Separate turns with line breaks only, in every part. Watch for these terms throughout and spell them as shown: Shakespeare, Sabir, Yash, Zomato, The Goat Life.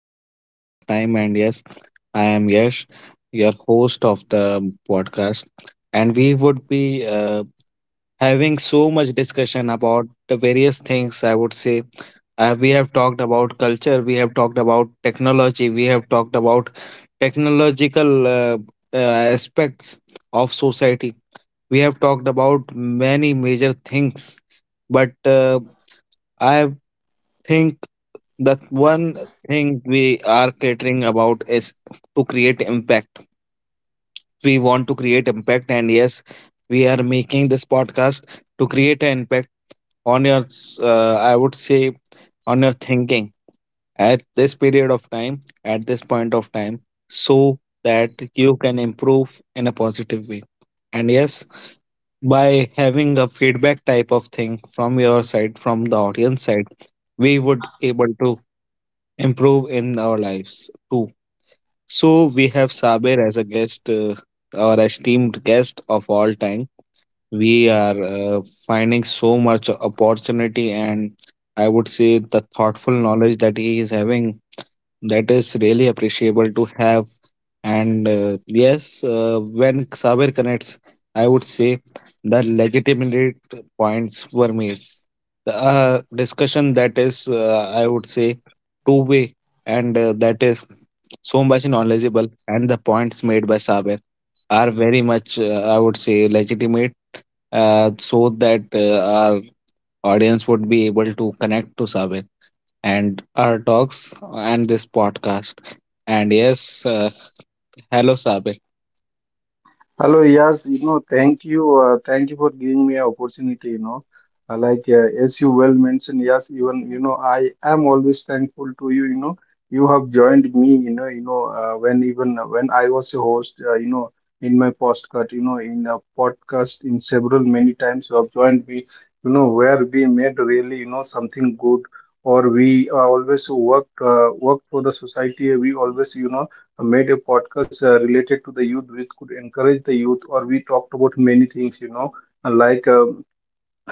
At this point of time. And yes, I am Yash, your host of the podcast. And we would be having so much discussion about the various things. I would say we have talked about culture, we have talked about technology, we have talked about technological aspects of society, we have talked about many major things. But I think that one thing we are catering about is to create impact. We want to create impact, and yes, we are making this podcast to create an impact on your, I would say, on your thinking at this period of time, at this point of time, so that you can improve in a positive way. And yes, by having a feedback type of thing from your side, from the audience side, we would able to improve in our lives too. So we have Sabir as a guest, our esteemed guest of all time. We are finding so much opportunity, and I would say the thoughtful knowledge that he is having that is really appreciable to have. And yes, when Sabir connects, I would say the legitimate points were made, discussion that is, I would say, two way, and that is so much knowledgeable, and the points made by Saber are very much, I would say, legitimate, so that, our audience would be able to connect to Saber and our talks and this podcast. And yes, hello, Saber.
Hello, yes, thank you for giving me an opportunity, you know. Like as you well mentioned, yes, even you know, I am always thankful to you, you know. You have joined me, you know, when even when I was a host, in my postcard, you know, in a podcast, in several many times you have joined me, you know, where we made really, you know, something good, or we always worked for the society. We always, you know, made a podcast related to the youth, which could encourage the youth. Or we talked about many things, you know, like uh,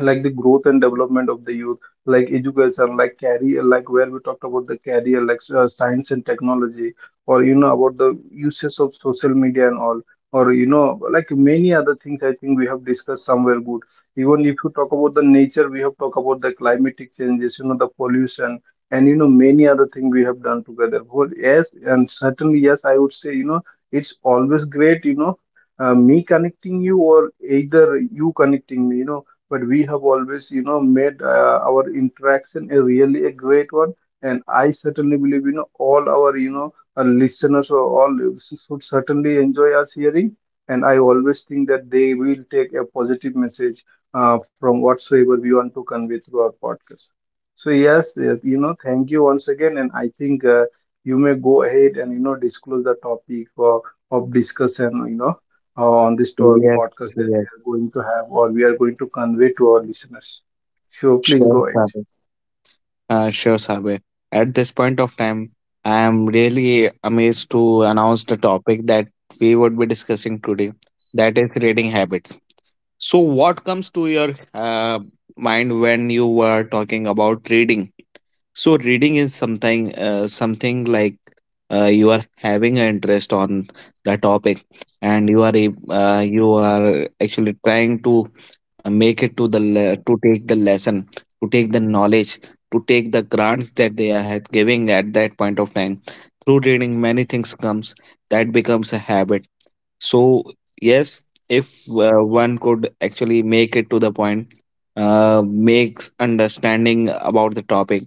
like the growth and development of the youth, like education, like career, like where we talked about the career, like science and technology, or you know, about the uses of social media and all, or you know, like many other things. I think we have discussed somewhere good. Even if you talk about the nature, we have talked about the climatic changes, you know, the pollution, and you know, many other things we have done together. Well, yes, and certainly, yes, I would say, you know, it's always great, you know, me connecting you, or either you connecting me, you know. But we have always, you know, made our interaction a really a great one. And I certainly believe, you know, all our, you know, listeners or all should certainly enjoy us hearing, and I always think that they will take a positive message from whatsoever we want to convey through our podcast. So yes, you know, thank you once again. And I think, you may go ahead and you know, disclose the topic of discussion, you know, on this
Yes.
podcast that we
Yes.
are going to have, or we are going to convey to our listeners. So please
Sure,
go ahead.
Saber. Sure, Sabir. At this point of time, I am really amazed to announce the topic that we would be discussing today, that is reading habits. So, what comes to your mind when you were talking about reading? So reading is something, something like, you are having an interest on the topic, and you are actually trying to, make it to to take the lesson, to take the knowledge, to take the grants that they are giving at that point of time. Through reading many things comes, that becomes a habit. So yes, if one could actually make it to the point, makes understanding about the topic.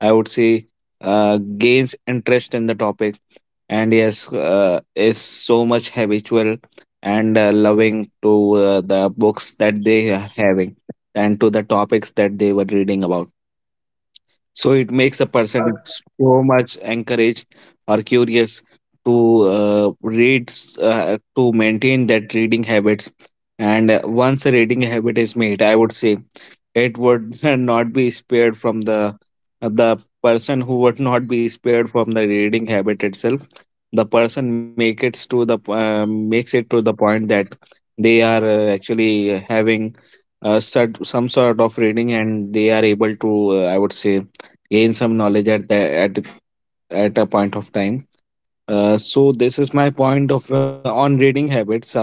I would say, gains interest in the topic, and yes, is so much habitual and loving to, the books that they are having, and to the topics that they were reading about. So it makes a person so much encouraged or curious to, read, to maintain that reading habits. And once a reading habit is made, I would say it would not be spared from the, person who would not be spared from the reading habit itself. The person make it to the, makes it to the point that they are, actually having, some sort of reading, and they are able to, I would say, gain some knowledge at the at a point of time. So this is my point of, on reading habits, Sabir.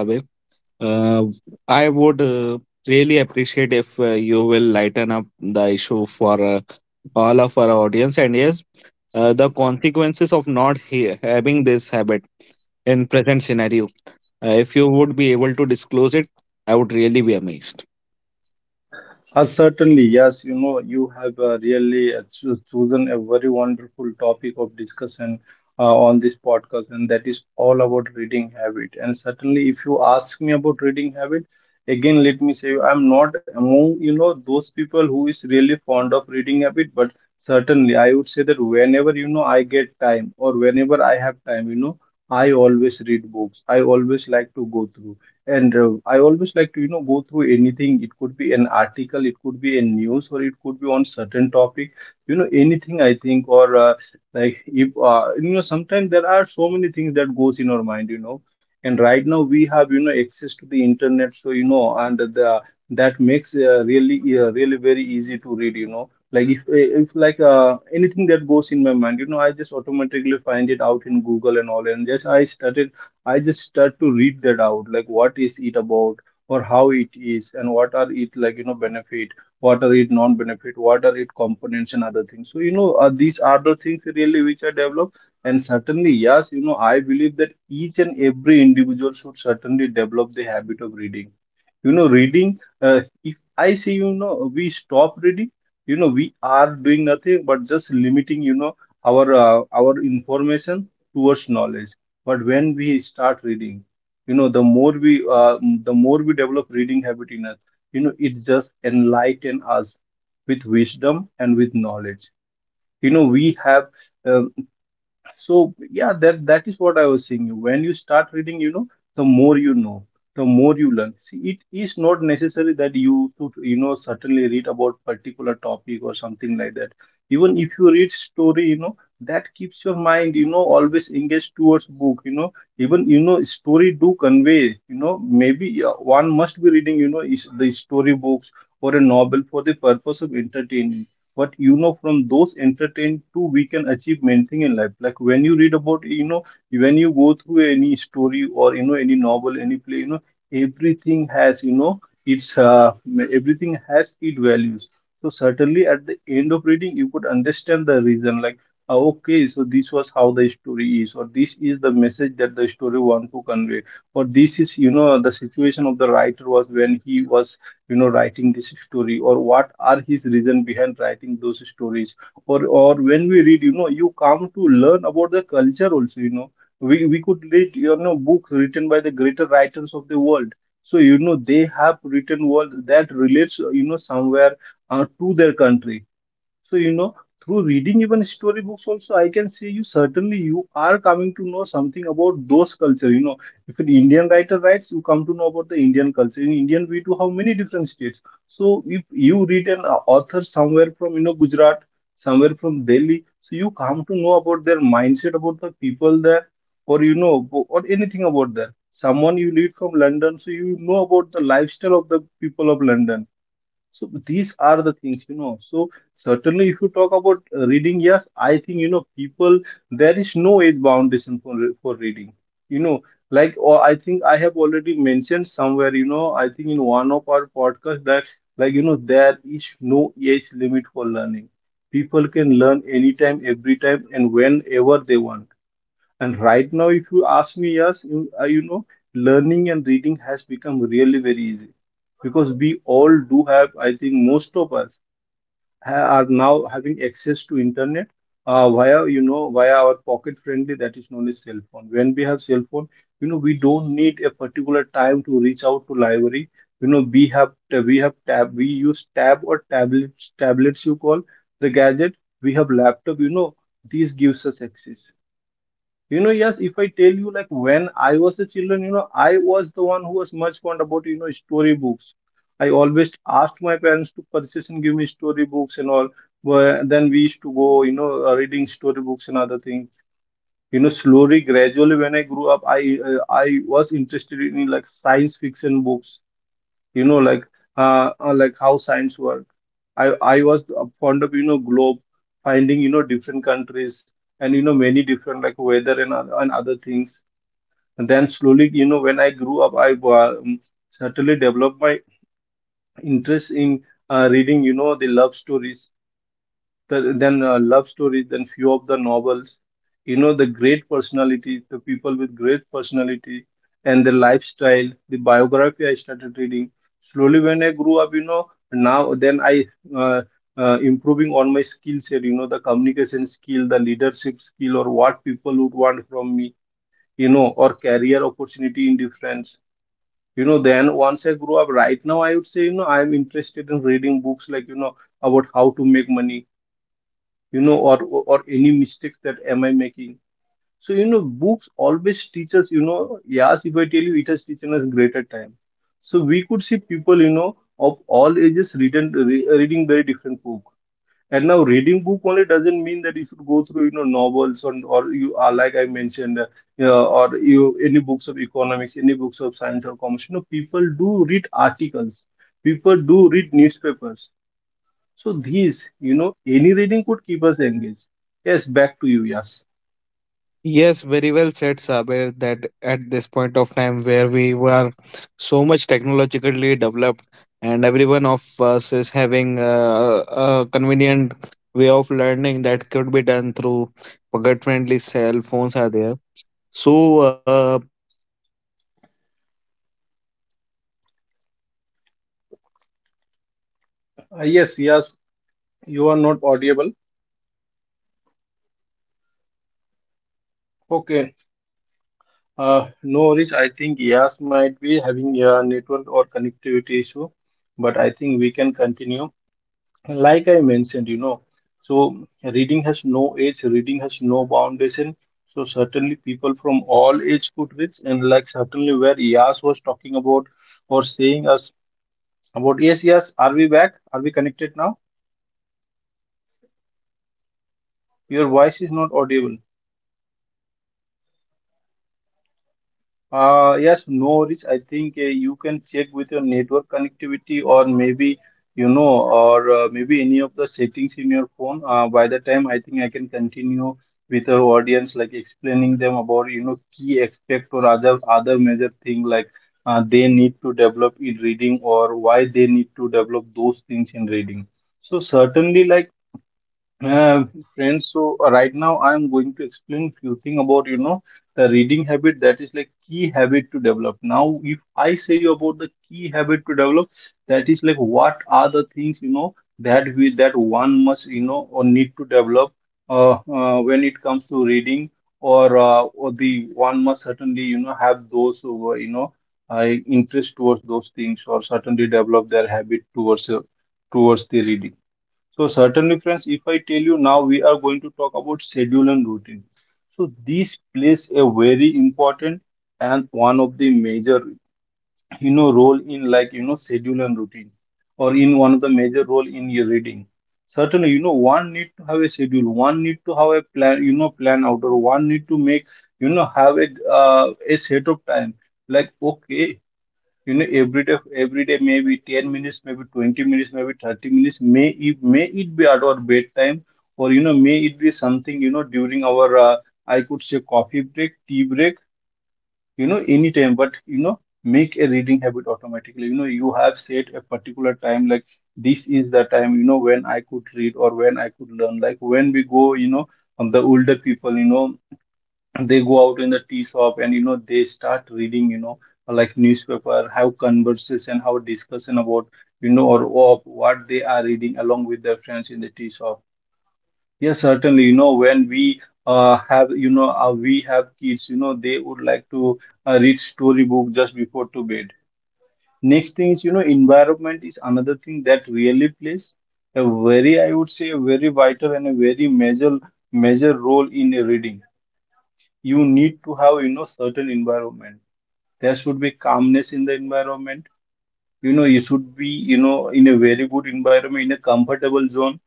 Uh, I would, really appreciate if, you will lighten up the issue for, all of our audience. And yes, the consequences of not having this habit in present scenario. If you would be able to disclose it, I would really be amazed.
Certainly, yes. You know, you have really chosen a very wonderful topic of discussion on this podcast, and that is all about reading habit. And certainly, if you ask me about reading habit, again, let me say I'm not among, you know, those people who is really fond of reading habit. But certainly I would say that whenever, you know, I get time, or whenever I have time, you know, I always read books. I always like to go through. And I always like to, you know, go through anything. It could be an article, it could be a news, or it could be on certain topic. You know, anything I think, or like if you know, sometimes there are so many things that goes in our mind, you know. And right now we have, you know, access to the internet, so you know, and the, that makes really really very easy to read, you know. Like if, if anything that goes in my mind, you know, I just automatically find it out in Google and all, and just I just start to read that out, like what is it about, or how it is, and what are it like, you know, benefit, what are it non-benefit, what are it components, and other things. So, you know, these are the things really which are developed. And certainly, yes, you know, I believe that each and every individual should certainly develop the habit of reading. You know, reading, if I say, you know, we stop reading, you know, we are doing nothing but just limiting, you know, our information towards knowledge. But when we start reading, you know, uh, the more we develop reading habit in us, you know, it just enlighten us with wisdom and with knowledge. You know, we have, uh, so yeah, that is what I was saying. When you start reading, you know, the more you know, the more you learn. See, it is not necessary that you should, you know, certainly read about particular topic or something like that. Even if you read story, you know, that keeps your mind, you know, always engaged towards book. You know, even you know, story do convey. You know, maybe one must be reading, you know, is the story books or a novel for the purpose of entertaining, what you know, from those entertained to, we can achieve main thing in life. Like when you read about, you know, when you go through any story, or you know, any novel, any play, you know, everything has, you know, it's everything has its values. So certainly at the end of reading you could understand the reason, like, okay, so this was how the story is, or this is the message that the story want to convey, or this is, you know, the situation of the writer was when he was, you know, writing this story, or what are his reason behind writing those stories. Or when we read, you know, you come to learn about the culture also. You know, we could read, you know, books written by the greater writers of the world. So you know, they have written world that relates, you know, somewhere to their country. So, you know, through reading even storybooks also, I can say, you certainly you are coming to know something about those culture. You know, if an Indian writer writes, you come to know about the Indian culture. In Indian, we do have many different states. So if you read an author somewhere from, you know, Gujarat, somewhere from Delhi, so you come to know about their mindset, about the people there, or you know, or anything about there. Someone you read from London, so you know about the lifestyle of the people of London. So these are the things, you know. So certainly, if you talk about reading, yes, I think, you know, people, there is no age boundation for reading. You know, like, or I think I have already mentioned somewhere. You know, I think in one of our podcasts, that like you know, there is no age limit for learning. People can learn anytime, every time, and whenever they want. And right now, if you ask me, yes, you you know, learning and reading has become really very easy, because we all do have, I think, most of us are now having access to internet, via, you know, via our pocket friendly that is known as cell phone. When we have cell phone, you know, we don't need a particular time to reach out to library. You know, we have tab, we use tab or tablets, tablets you call the gadget. We have laptop. You know, these gives us access, you know. Yes, if I tell you, like, when I was a children, you know, I was the one who was much fond about, you know, storybooks. I always asked my parents to purchase and give me storybooks and all. But then we used to go, you know, reading storybooks and other things. You know, slowly, gradually, when I grew up, I was interested in like science fiction books, you know, like, like how science work. I i was fond of, you know, globe, finding, you know, different countries, and you know, many different like weather and other things. And then slowly, you know, when I grew up, I, um, certainly developed my interest in reading, you know, the love stories, the, than love stories, than few of the novels. You know, the great personalities, the people with great personality and their lifestyle, the biography, I started reading. Slowly, when I grew up, you know, now then I, uh, improving on my skill set, you know, the communication skill, the leadership skill, or what people would want from me, you know, or career opportunity in different. You know, then once I grew up, right now I would say, you know, I'm interested in reading books like, you know, about how to make money, you know, or any mistakes that am I making. So you know, books always teach us, you know. Yes, if I tell you, it has teaching us greater time. So we could see people, you know, of all ages reading, reading very different book. And now reading book only doesn't mean that you should go through, you know, novels and, or you are like I mentioned, yeah, or you any books of economics, any books of science or commerce. You know, people do read articles, people do read newspapers. So these, you know, any reading could keep us engaged. Yes, back to you, Yas.
Yes, very well said, Saber, that at this point of time where we were so much technologically developed, and everyone of us is having a, convenient way of learning that could be done through pocket-friendly cell phones are there. So, I've seen many people.
Yes, Yas, you are not audible. Okay. No worries. I think Yas might be having a network or connectivity issue, but I think we can continue. Like I mentioned, so reading has no age, reading has no foundation. So certainly people from all age could read. And like certainly where Yas was talking about or saying us about. Yes, Yas, are we back? Are we connected now? Your voice is not audible. Yes, no worries. I think you can check with your network connectivity or maybe, or maybe any of the settings in your phone. By the time, I think I can continue with our audience, like explaining them about, key aspect or other major thing, like they need to develop in reading, or why they need to develop those things in reading. So certainly, like, Uh, friends, so right now I am going to explain few thing about, the reading habit that is like key habit to develop. Now, if I say you about the key habit to develop, that is like what are the things, that we that one must, or need to develop when it comes to reading, or the one must certainly, have those who, interest towards those things, or certainly develop their habit towards the reading. So certainly, friends, if I tell you now, we are going to talk about schedule and routine. So this plays a very important and one of the major, role in, like, schedule and routine, or in one of the major role in your reading. Certainly, one need to have a schedule, one need to have a plan, plan out, or one need to make, have a set of time. Like, okay, you know every day every day maybe 10 minutes, maybe 20 minutes, maybe 30 minutes. May it be at our bedtime, or may it be something, during our, I could say, coffee break, tea break, anytime. But, make a reading habit. Automatically, you have set a particular time, like, this is the time, when I could read, or when I could learn. Like, when we go, the older people, they go out in the tea shop, and they start reading, like newspaper, have conversation, have discussion about, or of what they are reading along with their friends in the tea shop. Yes, certainly, when we have kids, they would like to read storybook just before to bed. Next thing is, environment is another thing that really plays a very, I would say, a very vital and a very major role in a reading. You need to have, certain environment. There should be calmness in the environment. You should be, in a very good environment, in a comfortable zone,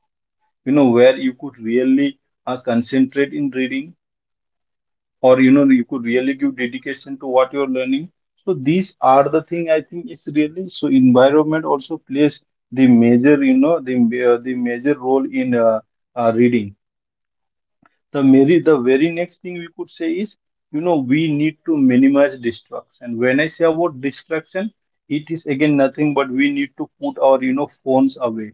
where you could really concentrate in reading, or you could really give dedication to what you're learning. So these are the thing, I think, is really, so environment also plays the major, the major role in reading. The very next thing we could say is, we need to minimize distraction. When I say about distraction, it is again nothing but we need to put our, phones away.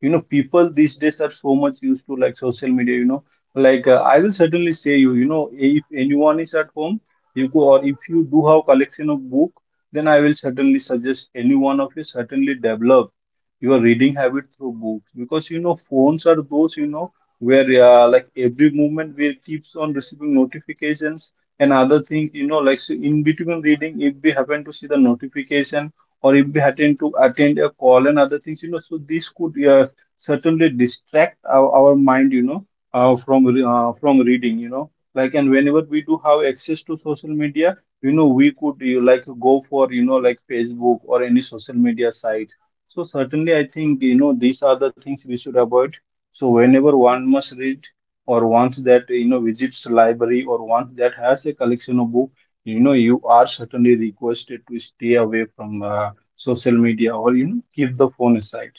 People these days are so much used to, like, social media. Like, I will certainly say you, you know if anyone is at home, you go, or if you do have collection of book, then I will certainly suggest any one of you certainly develop your reading habit through books, because, phones are those, where like, every moment we keeps on receiving notifications and other things, like. So in between reading, if we happen to see the notification, or if we happen to attend a call and other things, so this could certainly distract our mind, from reading, like. And whenever we do have access to social media, we could you, like, go for, like, Facebook or any social media site. So certainly, I think, these are the things we should avoid. So whenever one must read, or once that, visits library, or once that has a collection of book, you are certainly requested to stay away from social media, or keep the phone aside.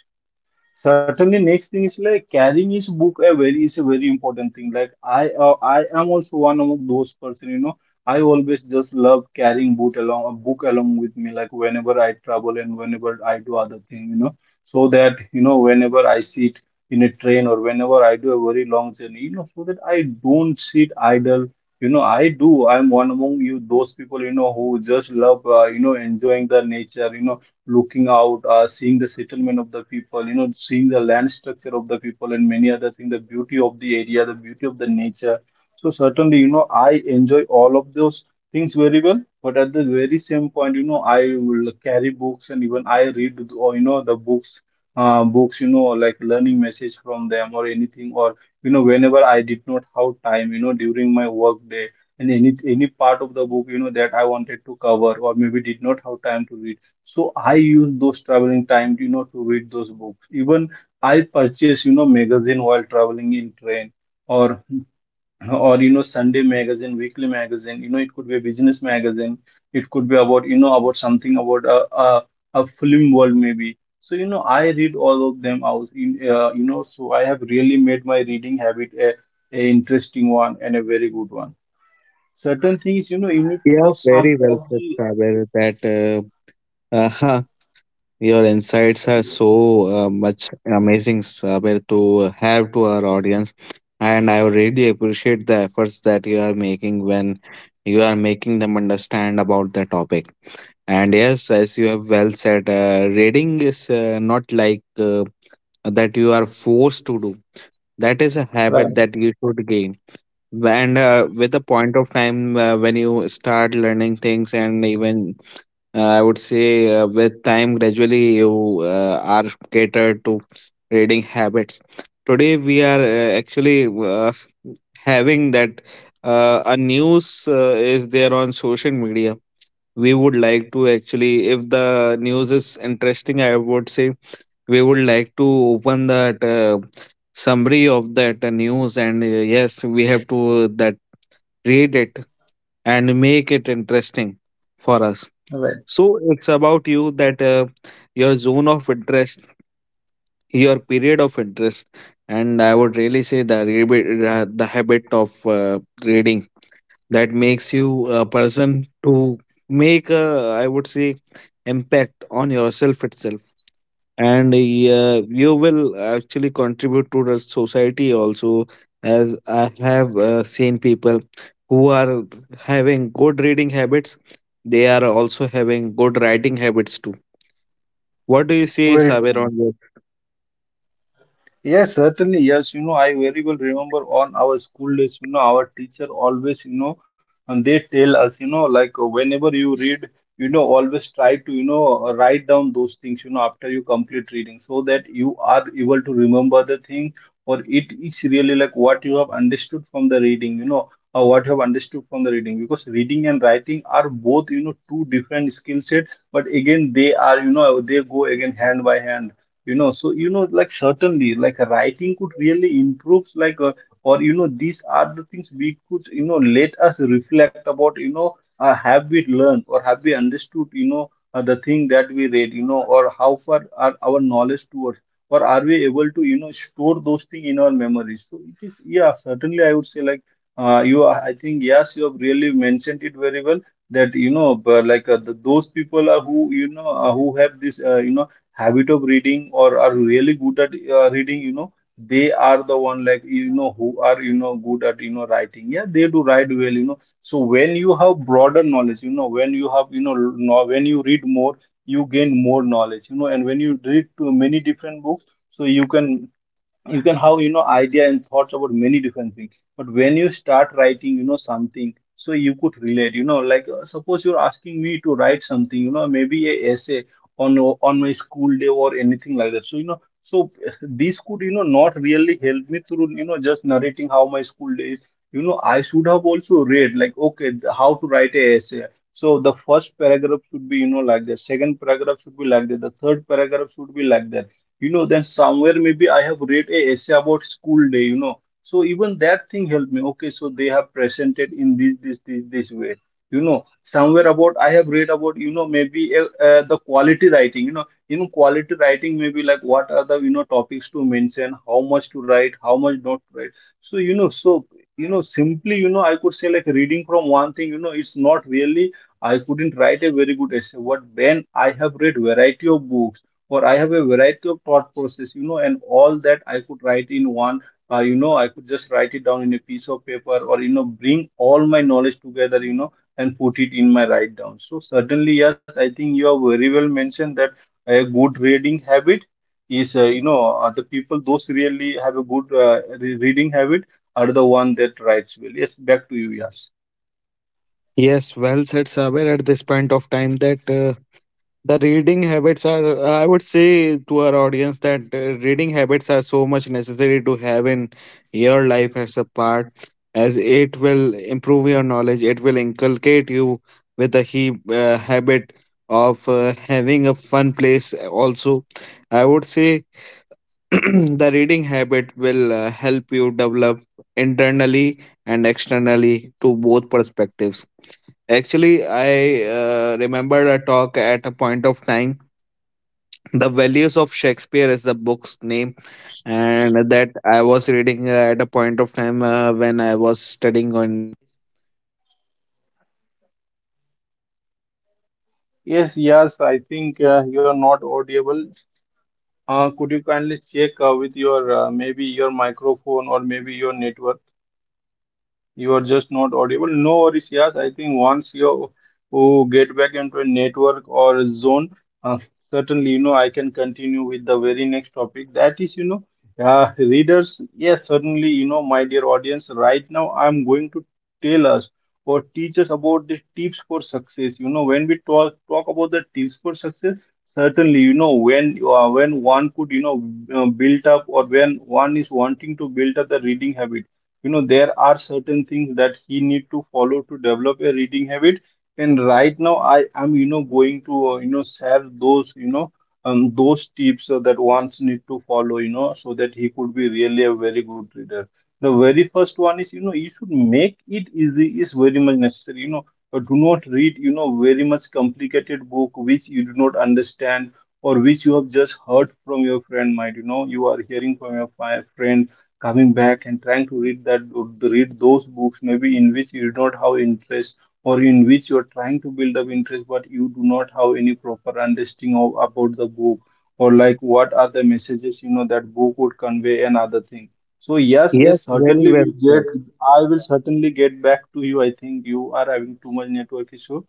Certainly, next thing is like carrying his book, a very important thing. Like, I am also one of those person, I always just love carrying book along a book along with me, like whenever I travel and whenever I do other thing, so that, whenever I sit in a train, or whenever I do a very long journey, so that I don't sit idle. I do. I'm one among you those people, who just love, enjoying the nature, looking out, seeing the settlement of the people, seeing the land structure of the people and many other things, the beauty of the area, the beauty of the nature. So certainly, I enjoy all of those things very well. But at the very same point, I will carry books, and even I read, or, the books, like, learning message from them or anything, or, whenever I did not have time, during my work day. And any part of the book, that I wanted to cover or maybe did not have time to read, so I use those traveling time, to read those books. Even I purchase, magazine while traveling in train, or or, Sunday magazine, weekly magazine, it could be a business magazine, it could be about, about something, about a film world maybe. So, I read all of them out in, so I have really made my reading habit a interesting one and a very good one. Certain things, you need to have
Yeah,
some
very
of
well
the.
said, Saber. That, uh, uh, your insights are so, much amazing, Saber, to have to our audience. And I really appreciate the efforts that you are making when you are making them understand about the topic. And yes, as you have well said, reading is, not like, that you are forced to do. That is a
Right.
habit that you should gain, and with the point of time, when you start learning things, and even, I would say, with time gradually you, are catered to reading habits. Today we are, actually, having that, a news, is there on social media. We would like to actually, if the news is interesting, I would say, we would like to open that, summary of that, news. And yes, we have to that, read it and make it interesting for us.
Right.
So it's about you that, your zone of interest, your period of interest, and I would really say the habit, the habit of, reading, that makes you a person to make a, I would say, impact on yourself itself. And you will actually contribute to the society also, as I have seen people who are having good reading habits, they are also having good writing habits too. What do you say,
Very
Saber,
true.
on this?
Yes, certainly. Yes, I very well remember on our school days, our teacher always, and they tell us, like whenever you read, always try to, write down those things, after you complete reading, so that you are able to remember the thing, or it is really like what you have understood from the reading, or what you have understood from the reading, because reading and writing are both, two different skill sets, but again, they are, they go again hand by hand. So like, certainly, like writing could really improve, like or, these are the things we could, let us reflect about, have we learned, or have we understood, the thing that we read, or how far are our knowledge towards, or are we able to, store those things in our memories. So it is, yeah, certainly I would say, like, you are, I think, yes, you have really mentioned it very well, that, but like the, those people are, who have this, habit of reading, or are really good at reading. They are the one, like, who are, good at, writing. Yeah, they do write well. So when you have broader knowledge, when you have, when you read more, you gain more knowledge. And when you read to many different books, so you can have, idea and thoughts about many different things. But when you start writing, something, so you could relate, like suppose you're asking me to write something, maybe a essay on my school day or anything like that, so, so this could, not really help me through, just narrating how my school day is. I should have also read, like, okay, how to write a essay, so The first paragraph should be, like that, second paragraph should be like that, the third paragraph should be like that. Then somewhere maybe I have read a essay about school day, so even that thing helped me. Okay, so they have presented in this way. Somewhere about I have read about, maybe the quality writing, in quality writing maybe, like, what are the, topics to mention, how much to write, how much not to write. So, so. Simply, I could say, like, reading from one thing, it's not really. I couldn't write a very good essay, but when I have read variety of books, or I have a variety of thought process, and all that I could write in one, I could just write it down in a piece of paper, or, bring all my knowledge together, and put it in my write down. So certainly, yes, I think you have very well mentioned that a good reading habit is, the people, those really have a good reading habit are the one that writes well. Yes, back to you, yes.
Yes, well said, Saber, at this point of time that. The reading habits are, I would say, to our audience that, reading habits are so much necessary to have in your life as a part, as it will improve your knowledge, it will inculcate you with a habit of, having a fun place also, I would say. The reading habit will, help you develop internally and externally to both perspectives, actually. I, remembered a talk at a point of time. The Values of Shakespeare is the book's name, and that I was reading, at a point of time, when I was studying on.
Yes, yes, I think you are not audible. Could you kindly check, with your, maybe your microphone or maybe your network? You are just not audible. No worries, yes. I think once you get back into a network or zone, certainly, I can continue with the very next topic. That is, readers. Yes, certainly, my dear audience, right now I'm going to tell us or teach us about the tips for success. When we talk about the tips for success, certainly, when when one could, build up, or when one is wanting to build up the reading habit, there are certain things that he need to follow to develop a reading habit. And right now I am, going to, share those, those tips, that ones need to follow, so that he could be really a very good reader. The very first one is, you should make it easy, is very much necessary. Do not read, very much complicated book which you do not understand, or which you have just heard from your friend, might, you are hearing from your friend, coming back and trying to read those books maybe, in which you do not have interest, or in which you are trying to build up interest, but you do not have any proper understanding of about the book, or like what are the messages, that book would convey, and other thing. So yes,
Yes,
yes,
very
certainly
well
will
said.
get. I will certainly get back to you. I think you are having too much network issue.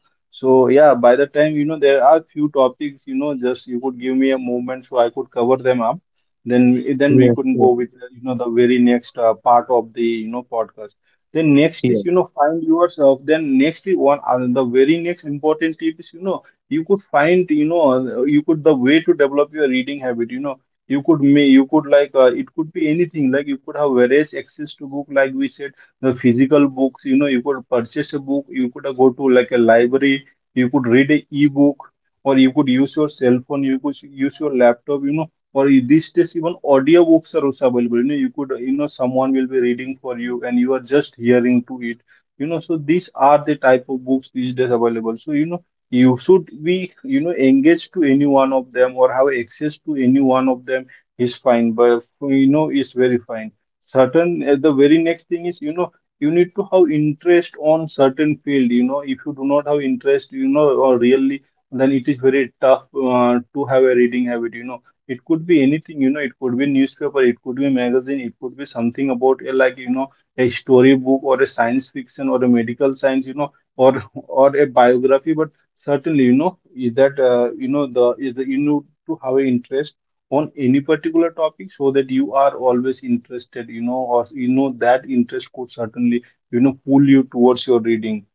So yeah, by the time, there are few topics, just you could give me a moment, so I could cover them up. Then we
Yes,
couldn't go
yes,
with, the very next, part of the, podcast. Then next is,
yes.
find yourself. Then next is one, the very next important tip is, you could, the way to develop your reading habit, you could, like, it could be anything, like you could have various access to book, like we said, the physical books, you could purchase a book, you could, go to, like, a library, you could read a ebook, or you could use your cell phone, you could use your laptop, for these days even audio books are also available, you could, someone will be reading for you and you are just hearing to it. So these are the type of books these days available, so, you should be, engaged to any one of them, or have access to any one of them, is fine, but, is very fine. Certain The very next thing is, you need to have interest on certain field. If you do not have interest, or really, then it is very tough, to have a reading habit. It could be anything, it could be newspaper, it could be magazine, it could be something about a, like, a storybook, or a science fiction, or a medical science, or a biography. But certainly, is that, to have an interest on any particular topic, so that you are always interested, or, that interest could certainly, pull you towards your reading.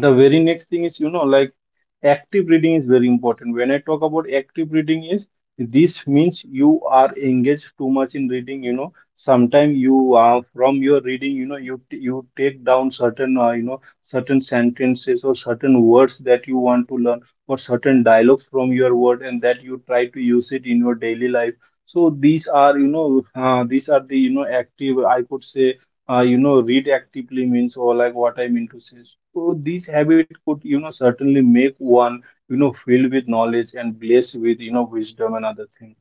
The very next thing is, like, active reading is very important. When I talk about active reading is, this means you are engaged too much in reading, sometimes you are from your reading, you take down certain, certain sentences or certain words that you want to learn, or certain dialogues from your word, and that you try to use it in your daily life. So these are, these are the, active, I could say, read actively means, or like what I mean to say. So this habit could, certainly make one, filled with knowledge, and blessed with, wisdom and other things.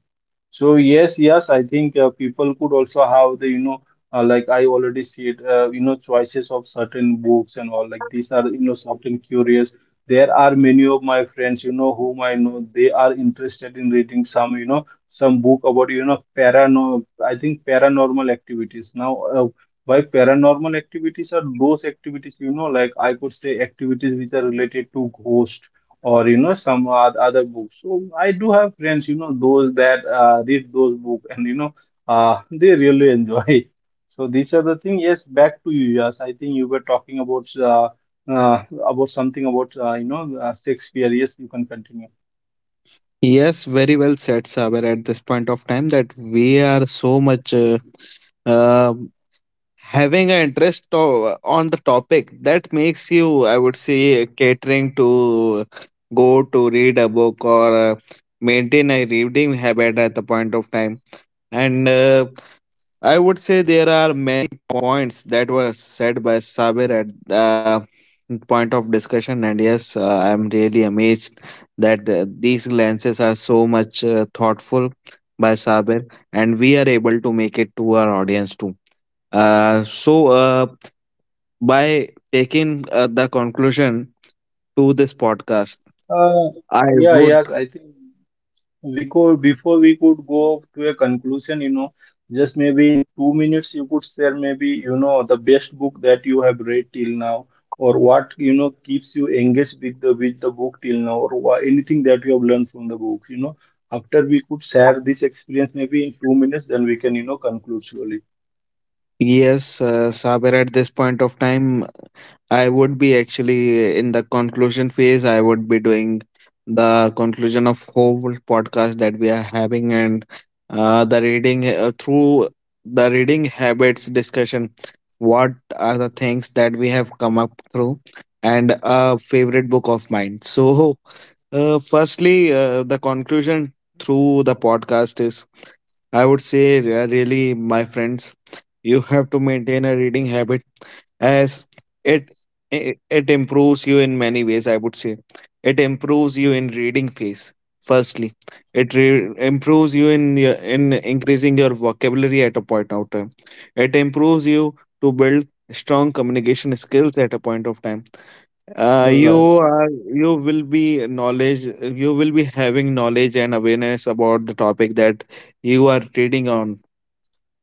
So yes, yes, I think people could also have the, like I already said, choices of certain books and all. Like these are, certain curious. There are many of my friends, whom I know, they are interested in reading some, some book about, I think paranormal activities. Now, by paranormal activities are those activities, like I could say activities which are related to ghosts, or, some other books. So I do have friends, those that, read those books, and, they really enjoy it. So these are the thing. Yes, back to you, yes. I think you were talking about, uh, about something about, Shakespeare. Yes, you can continue.
Yes, very well said, Saber. At this point of time, that we are so much, uh, having an interest on the topic that makes you, I would say, catering to go to read a book, or, maintain a reading habit at the point of time. And I would say there are many points that were said by Sabir at the point of discussion, and yes, I am really amazed that, these glances are so much, thoughtful by Sabir, and we are able to make it to our audience too. So, by taking, the conclusion to this podcast,
uh,
I
yeah, yes,
would.
I think we could, before we could go to a conclusion, just maybe in 2 minutes, you could share maybe, the best book that you have read till now, or what, keeps you engaged with the book till now, or anything that you have learned from the book. After we could share this experience maybe in 2 minutes, then we can, conclude slowly.
Yes, Saber, at this point of time, I would be actually in the conclusion phase. I would be doing the conclusion of whole podcast that we are having, and the reading, through the reading habits discussion. What are the things that we have come up through, and a favorite book of mine? So, firstly, the conclusion through the podcast is, I would say, really, my friends, you have to maintain a reading habit, as it it improves you in many ways. I would say it improves you in reading phase. Firstly, it improves you in your, in increasing your vocabulary at a point of time. It improves you to build strong communication skills at a point of time.
Right.
You will be knowledge, you will be having knowledge and awareness about the topic that you are reading on.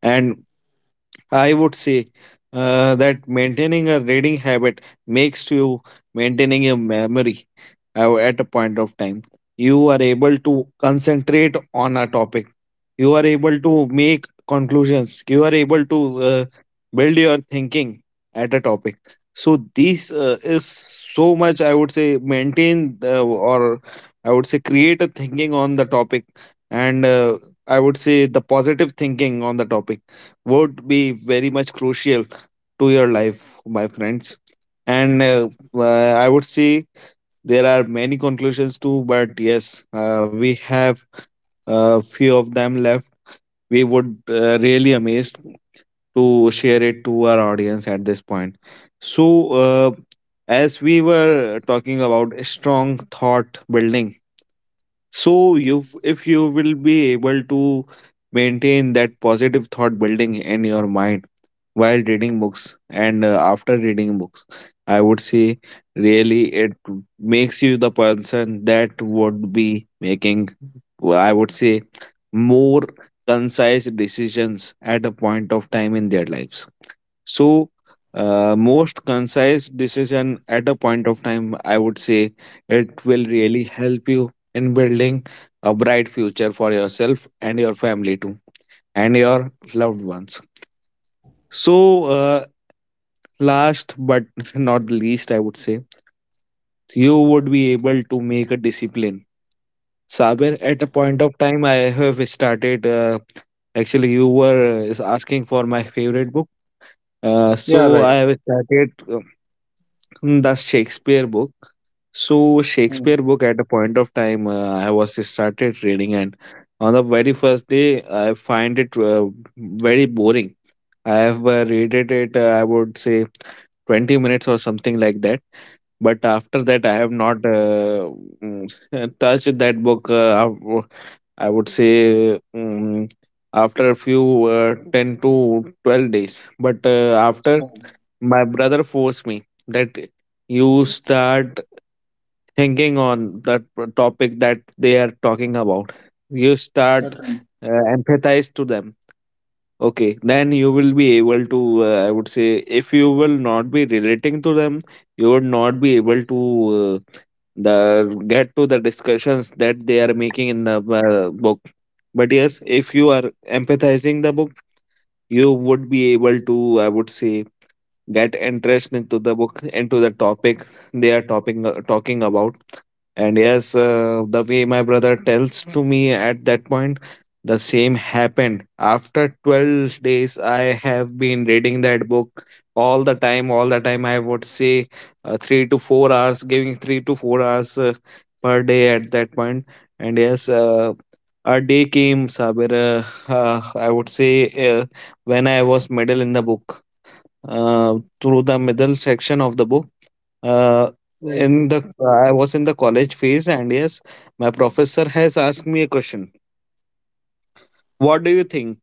And I would say, that maintaining a reading habit makes you maintaining your memory, at a point of time. You are able to concentrate on a topic. You are able to make conclusions. You are able to, build your thinking at a topic. So this, is so much, I would say, maintain the, or I would say, create a thinking on the topic. And I would say the positive thinking on the topic would be very much crucial to your life, my friends. And I would say there are many conclusions too, but yes, we have a few of them left. We would, really amazed to share it to our audience at this point. So, as we were talking about strong thought building, so you, if you will be able to maintain that positive thought building in your mind while reading books, and after reading books, I would say really it makes you the person that would be making, well, I would say, more concise decisions at a point of time in their lives. So, most concise decision at a point of time, I would say, it will really help you in building a bright future for yourself and your family too, and your loved ones. So uh, last but not the least, I would say, you would be able to make a discipline. Saber, at a point of time, I have started. Actually, you were, is asking for my favorite book. Uh,
Yeah,
so
right.
I have started, the Shakespeare book. So
Hmm.
Shakespeare book at a point of time I was started reading, and on the very first day I find it very boring. I have read it, I would say, 20 minutes or something like that, but after that, I have not touched that book. I would say, after a few 10 to 12 days. But after,
Hmm.
my brother forced me that you start thinking on that topic that they are talking about. You start
Certainly.
uh, empathize to them. Okay, then you will be able to, I would say, if you will not be relating to them, you would not be able to uh, the get to the discussions that they are making in the book. But yes, if you are empathizing the book, you would be able to, I would say, get interest into the book, into the topic they are talking about. And yes, the way my brother tells to me at that point, the same happened. After 12 days, I have been reading that book all the time, I would say, 3 to 4 hours giving 3 to 4 hours per day at that point. And yes, a day came, Sabir. Uh, I would say, uh, when I was middle in the book, to the middle section of the book. Uh, in the I was in the college phase, and yes, my professor has asked me a question. What do you think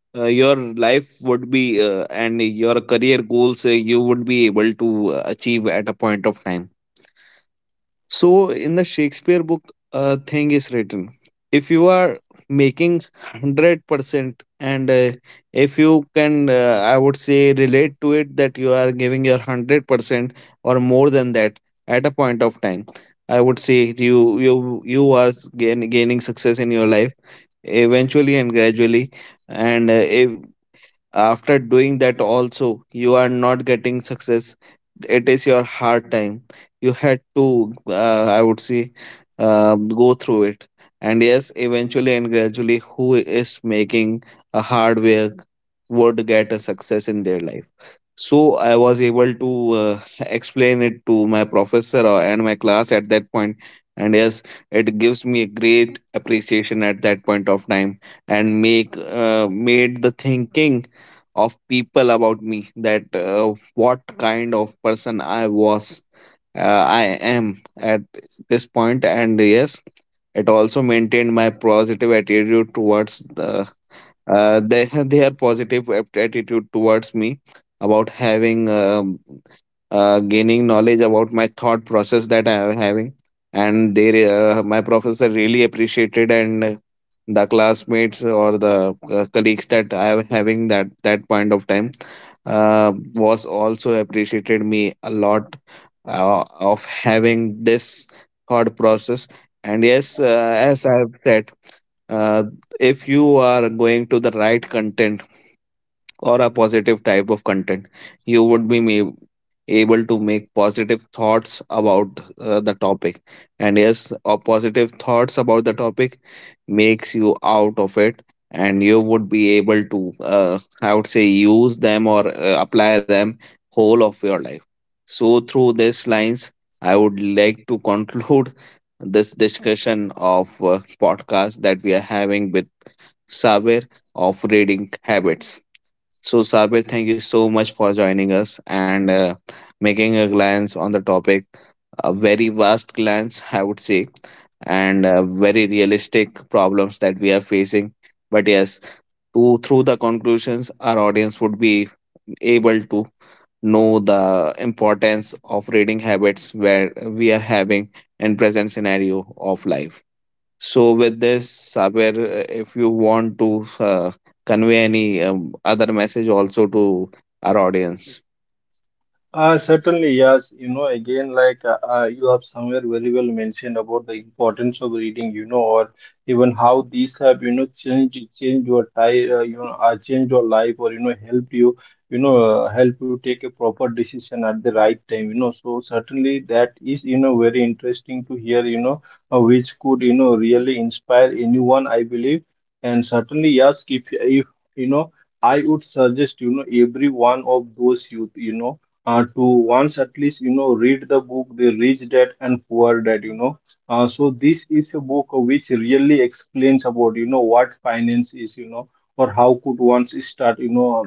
your life would be, and your career goals, you would be able to achieve at a point of time? So in the Shakespeare book, a thing is written. If you are making 100%, and if you can, I would say, relate to it that you are giving your 100% or more than that at a point of time, I would say you are gaining success in your life eventually and gradually. And if after doing that also you are not getting success, it is your hard time. You had to, I would say, go through it. And yes, eventually and gradually, who is making a hard work would get a success in their life. So I was able to explain it to my professor and my class at that point. And yes, it gives me a great appreciation at that point of time, and make made the thinking of people about me that, what kind of person I was, I am at this point. And yes, it also maintained my positive attitude towards the their attitude towards me, about having, gaining knowledge about my thought process that I am having. And my professor really appreciated, and the classmates or the colleagues that I am having that point of time was also appreciated me a lot of having this thought process. And yes, as I have said, uh, if you are going to the right content or a positive type of content, you would be able to make positive thoughts about the topic. And yes, positive thoughts about the topic makes you out of it, and you would be able to, I would say, use them or apply them whole of your life. So through these lines, I would like to conclude this discussion of podcast that we are having with Saber, of reading habits. So, Sabir, thank you so much for joining us, and making a glance on the topic. A very vast glance, I would say, and very realistic problems that we are facing. But yes, to, through the conclusions, our audience would be able to know the importance of reading habits where we are having in present scenario of life. So with this, Saber, if you want to convey any other message also to our audience.
Certainly, yes. Again, like, you have somewhere very well mentioned about the importance of reading, or even how these have, changed your time, changed your life, or, helped you, help you take a proper decision at the right time. So certainly that is, very interesting to hear, which could, really inspire anyone, I believe. And certainly, yes, if you know. I would suggest, every one of those youth, to once at least read the book The Rich Dad and Poor Dad. So this is a book which really explains about what finance is, or how could one start you know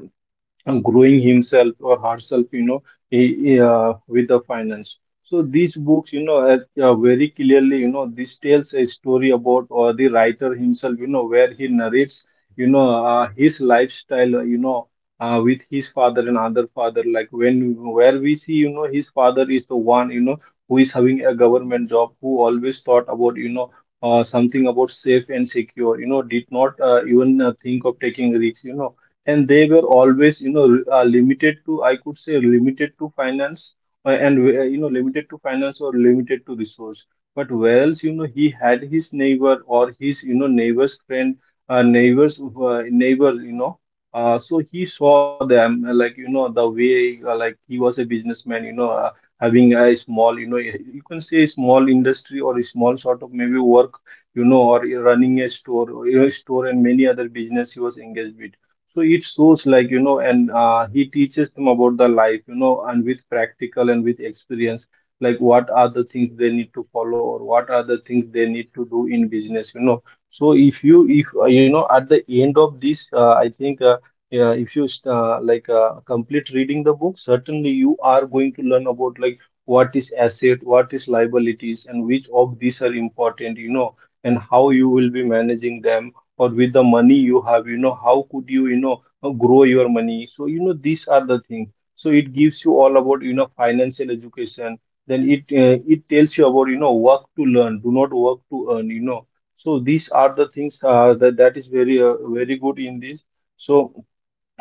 uh, growing himself or herself. With the finance, so these books, very clearly, this tells a story about, or the writer himself, where he narrates his lifestyle, with his father and other father, like when where we see, his father is the one who is having a government job, who always thought about something about safe and secure. Did not even think of taking risks. And they were always limited to, I could say, limited to finance, and limited to finance, or limited to resource. But whereas he had his neighbor, or his neighbor's friend neighbors neighbors you know So he saw them, like the way like he was a businessman, having a small, you can say, a small industry, or a small sort of maybe work, or running a store, or store and many other business he was engaged with. So it shows, like, and he teaches them about the life, and with practical and with experience, like what are the things they need to follow, or what are the things they need to do in business. So if you, if at the end of this, I think yeah, if you like complete reading the book, certainly you are going to learn about, like, what is asset, what is liabilities, and which of these are important, and how you will be managing them, or with the money you have, how could you you know grow your money. So these are the things. So it gives you all about financial education. Then it tells you about work to learn, do not work to earn. So these are the things, that is very, very good in this. So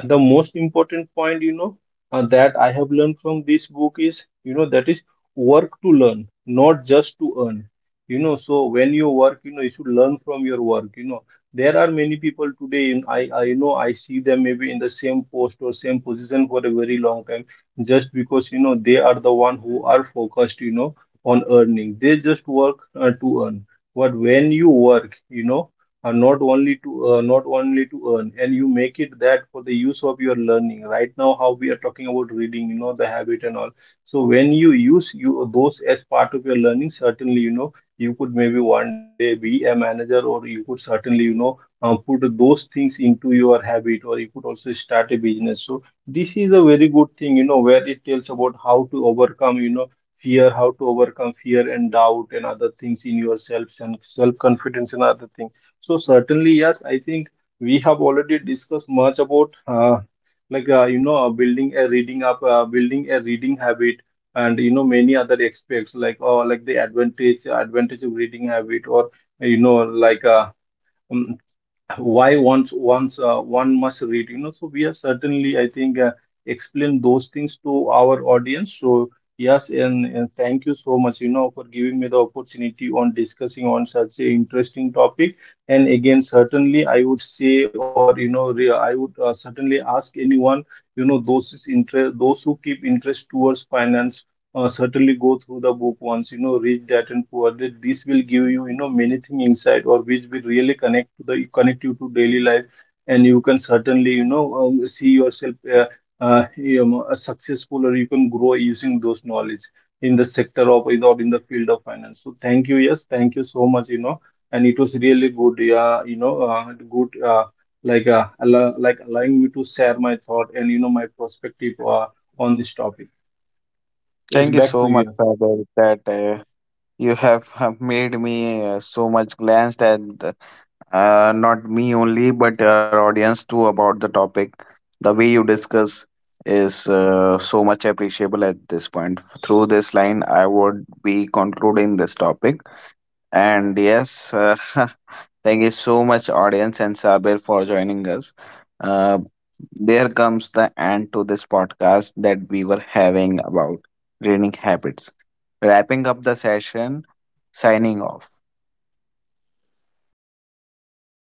the most important point that I have learned from this book is, that is, work to learn, not just to earn. So when you work, you should learn from your work. There are many people today in I you know I see them maybe in the same post or same position for a very long time, just because they are the one who are focused on earning. They just work to earn. But when you work, not only to, not only to earn, and you make it that for the use of your learning. Right now, how we are talking about reading, the habit and all. So when you use you those as part of your learning, certainly, you could maybe one day be a manager, or you could certainly, put those things into your habit, or you could also start a business. So this is a very good thing, where it tells about how to overcome, fear, how to overcome fear and doubt and other things in yourself, and self confidence and other things. So certainly, yes, I think we have already discussed much about, building a building a reading habit, and many other aspects, like, like the advantage of reading habit, or you know like uh, mm, why once one must read, so we are certainly, I think, explain those things to our audience. So yes, and thank you so much for giving me the opportunity on discussing on such a interesting topic. And again, certainly I would say, or I would, certainly ask anyone, those is interest, those who keep interest towards finance. Certainly go through the book once, read that and pour that. This will give you you know many thing inside, or which will really connect to the connect you to daily life. And you can certainly, see yourself, a successful, or you can grow using those knowledge in the sector of, or in the field of finance. So thank you, yes, thank you so much. And it was really good, yeah, good, allow, like, allowing me to share my thought, and my perspective on this topic. Yes,
Thank you
back
so
to
much,
you.
Saber, that you have made me so much glanced at not me only, but our audience too, about the topic. The way you discuss is so much appreciable at this point. Through this line, I would be concluding this topic. And yes, thank you so much, audience and Sabir, for joining us. Uh, there comes the end to this podcast that we were having about reading habits. Wrapping up the session, signing off.